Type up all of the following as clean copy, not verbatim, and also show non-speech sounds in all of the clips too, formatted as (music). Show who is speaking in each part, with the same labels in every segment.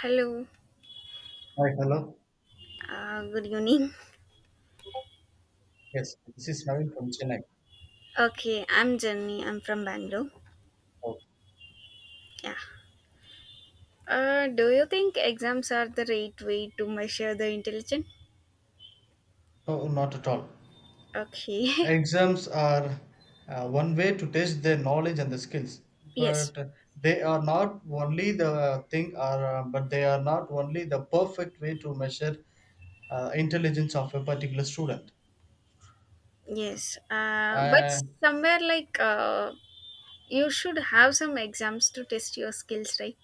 Speaker 1: Hello,
Speaker 2: Hi, hello.
Speaker 1: good evening.
Speaker 2: Yes, this is Navin from Chennai.
Speaker 1: Okay, I'm Jenny. I'm from Bangalore.
Speaker 2: Oh,
Speaker 1: Yeah. Do you think exams are the right way to measure the intelligence?
Speaker 2: no, not at all.
Speaker 1: Okay.
Speaker 2: Exams are one way to test their knowledge and the skills,
Speaker 1: (laughs) yes.
Speaker 2: but they are not only the thing, or but they are not only the perfect way to measure intelligence of a particular student.
Speaker 1: Yes. But
Speaker 2: Uh,
Speaker 1: somewhere like you should have some exams to test your skills, right?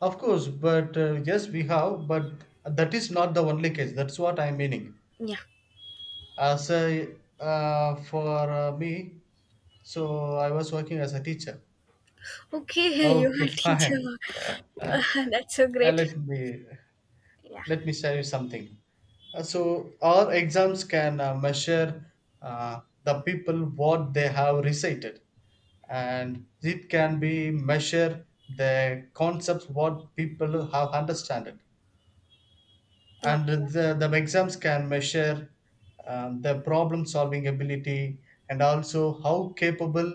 Speaker 2: of course, but yes, we have, but that is not the only case. That's what I'm meaning.
Speaker 1: Yeah.
Speaker 2: As a, for me, so I was working as a teacher.
Speaker 1: Okay, (laughs) you
Speaker 2: Okay,
Speaker 1: are
Speaker 2: (laughs)
Speaker 1: teacher.
Speaker 2: fine. Uh,
Speaker 1: (laughs)
Speaker 2: uh,
Speaker 1: Uh, that's so great.
Speaker 2: let me
Speaker 1: Yeah.
Speaker 2: let me share you something. So our exams can measure the people what they have recited, and it can be measure the concepts what people have understood and
Speaker 1: Okay.
Speaker 2: the exams can measure the problem solving ability and also how capable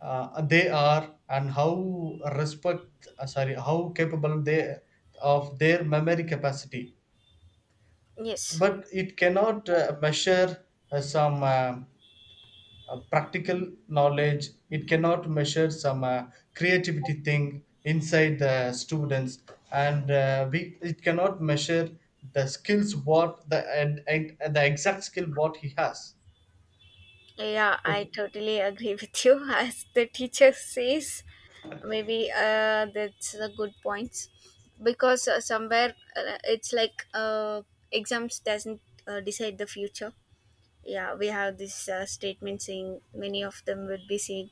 Speaker 2: they are and how respect sorry how capable they of their memory capacity
Speaker 1: Yes.
Speaker 2: but it cannot measure some practical knowledge it cannot measure some creativity thing inside the students and it cannot measure the skills what the and the exact skill what he has
Speaker 1: Yeah, I
Speaker 2: okay
Speaker 1: totally agree with you. (laughs) As the teacher says, maybe that's a good point because somewhere it's like exams doesn't decide the future. Yeah, we have this statement, saying many of them would be saying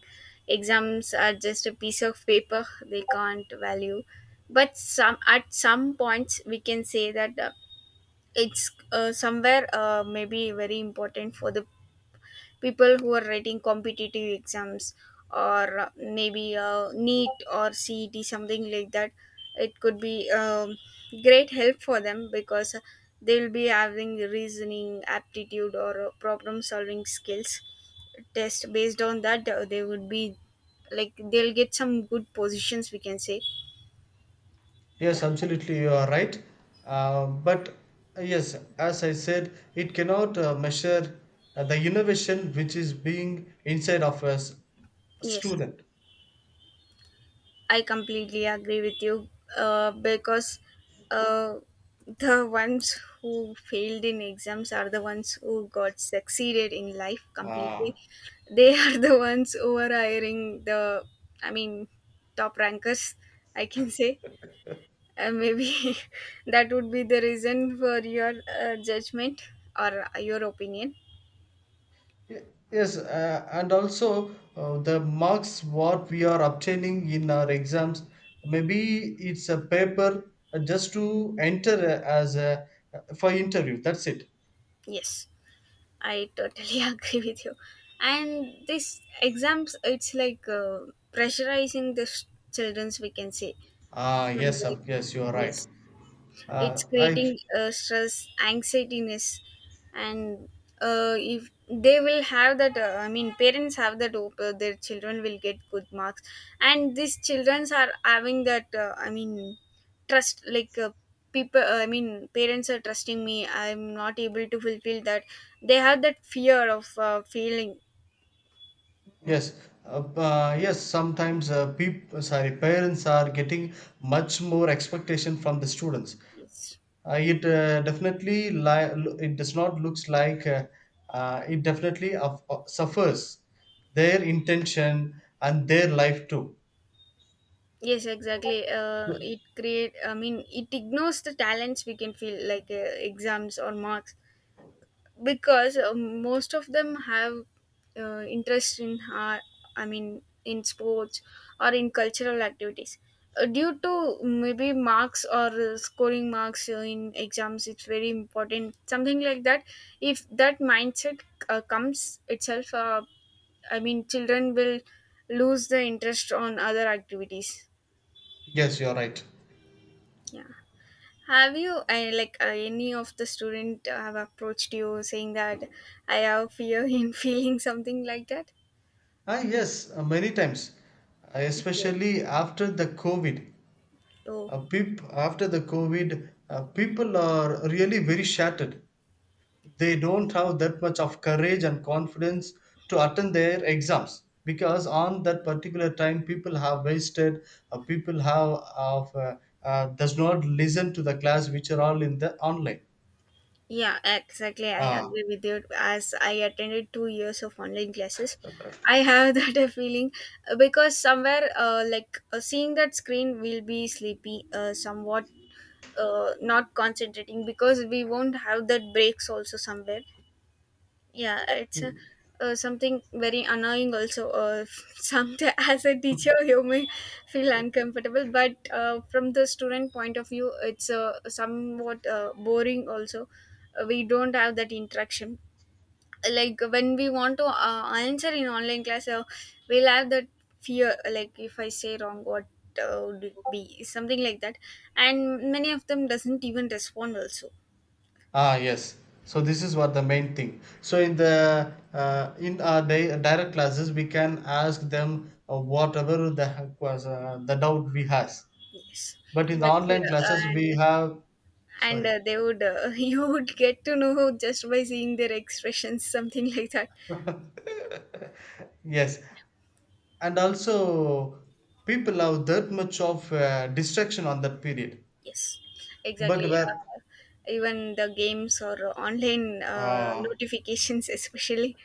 Speaker 1: exams are just a piece of paper, they can't value. But some, at some points we can say that it's somewhere maybe very important for the people who are writing competitive exams, or maybe NEET or cet, something like that. It could be great help for them because they will be having reasoning aptitude or problem solving skills test. Based on that, they would be, like, they'll get some good positions, we can say. Yeah.
Speaker 2: yes absolutely you are right but yes as I said it cannot measure the innovation which is being inside of a
Speaker 1: Yes,
Speaker 2: student.
Speaker 1: I completely agree with you. Uh, because uh, the ones who failed in exams are the ones who got succeeded in life completely.
Speaker 2: Ah.
Speaker 1: They (laughs) are the ones who are hiring the, I mean, top rankers, I can say. Maybe (laughs) that would be the reason for your judgment or your opinion.
Speaker 2: Y- Yes, and also the marks what we are obtaining in our exams, maybe it's a paper just to enter as a for interview. That's it.
Speaker 1: Yes. I totally (laughs) agree with you. And this exams, it's like pressurizing the childrens, we can say.
Speaker 2: Ah,
Speaker 1: Some
Speaker 2: yes,
Speaker 1: like,
Speaker 2: yes, you are right.
Speaker 1: yes,
Speaker 2: Uh,
Speaker 1: it's
Speaker 2: I
Speaker 1: creating stress, anxietiness. And if they will have that, I mean, parents have that hope their children will get good marks, and these children are having that, I mean, trust, like people, I mean, parents are trusting me, I'm not able to fulfill that. They have that fear of failing.
Speaker 2: yes, uh, yes. Sometimes people, sorry, parents are getting much more expectation from the students.
Speaker 1: Yes.
Speaker 2: It definitely it does not looks like it definitely suffers their intention and their life too.
Speaker 1: Yes, exactly,
Speaker 2: So-
Speaker 1: it create, I mean, it ignores the talents, we can feel like exams or marks, because most of them have interest in I mean, in sports or in cultural activities. Due to maybe marks or scoring marks in exams, it's very important, something like that. If that mindset comes itself, I mean, children will lose the interest on other activities.
Speaker 2: Yes, you're right.
Speaker 1: Yeah. Have you, I like, any of the student have approached you saying that I have fear in (laughs) feeling, something like that?
Speaker 2: Ah, yes, many times.
Speaker 1: Yes.
Speaker 2: Especially after the COVID.
Speaker 1: Oh,
Speaker 2: After the COVID, people are really very shattered. They don't have that much of courage and confidence to attend their exams because on that particular time people have wasted people have of does not listen to the class which are all in the online.
Speaker 1: yeah, exactly. I
Speaker 2: Ah.
Speaker 1: agree with you. As I attended 2 years of online classes, I have (laughs) that a feeling, because somewhere, like seeing that screen, will be sleepy, somewhat not concentrating, because we won't have that breaks also somewhere. Yeah, it's something very annoying also, (laughs) some, as a teacher you may feel uncomfortable, but from the student point of view it's somewhat boring also. We don't have that interaction. Like when we want to answer in online class, we'll have that fear, like if I say wrong, what would it be, something like that. And many of them doesn't even respond also.
Speaker 2: Ah, yes. So this is what the main thing, so in the in our direct classes we can ask them whatever the heck was the doubt we has,
Speaker 1: Yes.
Speaker 2: but in the
Speaker 1: That's, uh,
Speaker 2: online classes we
Speaker 1: and
Speaker 2: have,
Speaker 1: and
Speaker 2: sorry.
Speaker 1: uh, they would (laughs) you would get to know just by seeing their expressions, something (laughs) like that.
Speaker 2: (laughs) Yes, and also people have that much of distraction on that period,
Speaker 1: Yes,
Speaker 2: but
Speaker 1: exactly,
Speaker 2: where
Speaker 1: even the games or online
Speaker 2: ah
Speaker 1: notifications especially,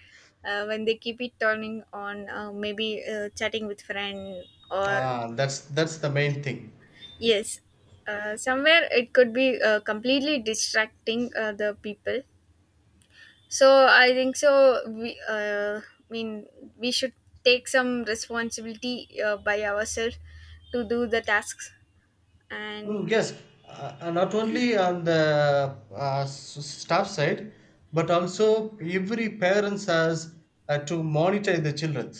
Speaker 1: when they keep it turning on, maybe chatting with friend, or.
Speaker 2: ah that's the main thing.
Speaker 1: Yes, somewhere it could be completely distracting the people. So I think so. We, I mean, we should take some responsibility by ourselves to do the tasks. And
Speaker 2: Mm, yes, uh, not only on the staff side but also every parents has to monitor the children.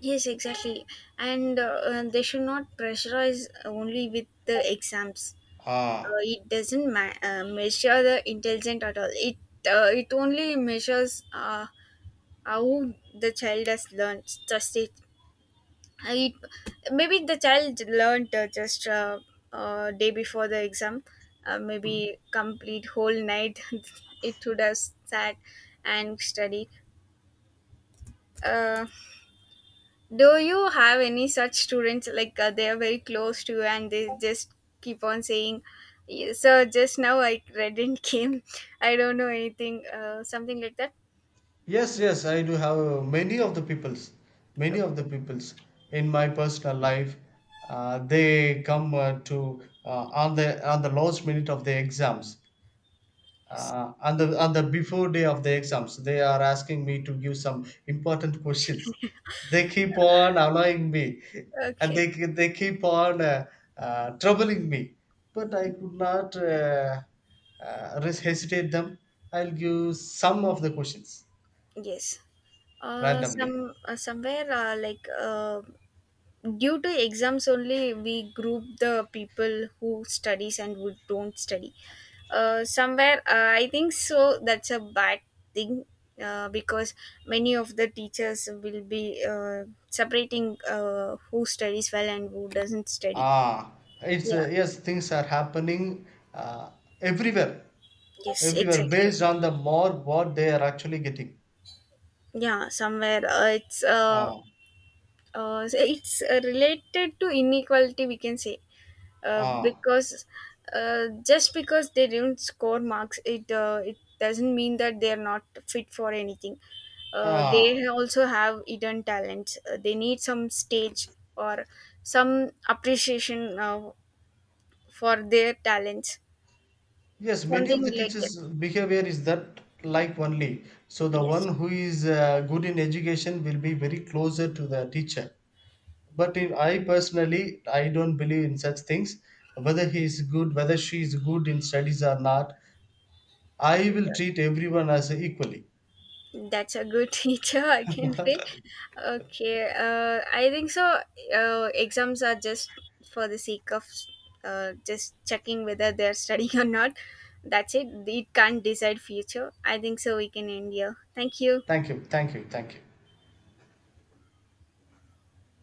Speaker 1: yes, exactly. And they should not pressurize only with the exams.
Speaker 2: Ah.
Speaker 1: It doesn't measure the intelligence at all. It it only measures, how the child has learned. Just it. I maybe the child learned, just day before the exam, maybe complete whole night. (laughs) It would have sat and study. Uh, do you have any such students like, they are very close to you and they just keep on saying, "Yeah, Sir, just now I read and (laughs) came. I don't know anything." Something like that.
Speaker 2: Yes, yes, I do have many of the peoples, many of the
Speaker 1: Okay.
Speaker 2: peoples in my personal life. They come to on the last minute of the exams,
Speaker 1: Yes.
Speaker 2: on the before day of the exams. They are asking me to give some important (laughs) questions. They keep on annoying me, and they
Speaker 1: Okay.
Speaker 2: they keep on troubling me. But I could not hesitate them. I'll give some of the questions
Speaker 1: Yes. Uh,
Speaker 2: randomly.
Speaker 1: some uh, somewhere uh, like uh, due to exams only, we group the people who studies and who don't study. Somewhere I think so that's a bad thing, because many of the teachers will be separating who studies well and who doesn't study.
Speaker 2: Ah, it's
Speaker 1: Yeah.
Speaker 2: yes, things are happening uh, everywhere,
Speaker 1: Yes,
Speaker 2: everywhere
Speaker 1: exactly.
Speaker 2: based on the more what they are actually getting.
Speaker 1: Yeah, somewhere,
Speaker 2: Ah,
Speaker 1: it's, related to inequality, we can say, uh,
Speaker 2: ah,
Speaker 1: because uh, just because they didn't score marks, it doesn't mean that they are not fit for anything.
Speaker 2: ah.
Speaker 1: They also have hidden talents. They need some stage or some appreciation, for their talents,
Speaker 2: Yes, many
Speaker 1: something
Speaker 2: of the
Speaker 1: like that.
Speaker 2: teachers' behavior is that like only. So the one
Speaker 1: Yes.
Speaker 2: who is good in education will be very closer to the teacher. But in, I personally, I don't believe in such things. Whether he is good, whether she is good in studies or not, I will treat everyone as equally.
Speaker 1: That's a good (laughs) teacher, I can say. Okay, I think so. Exams are just for the sake of just checking whether they're studying (laughs) or not. That's it. It can't decide future. I think so. We can end here. Thank you.
Speaker 2: Thank you, thank you, thank you.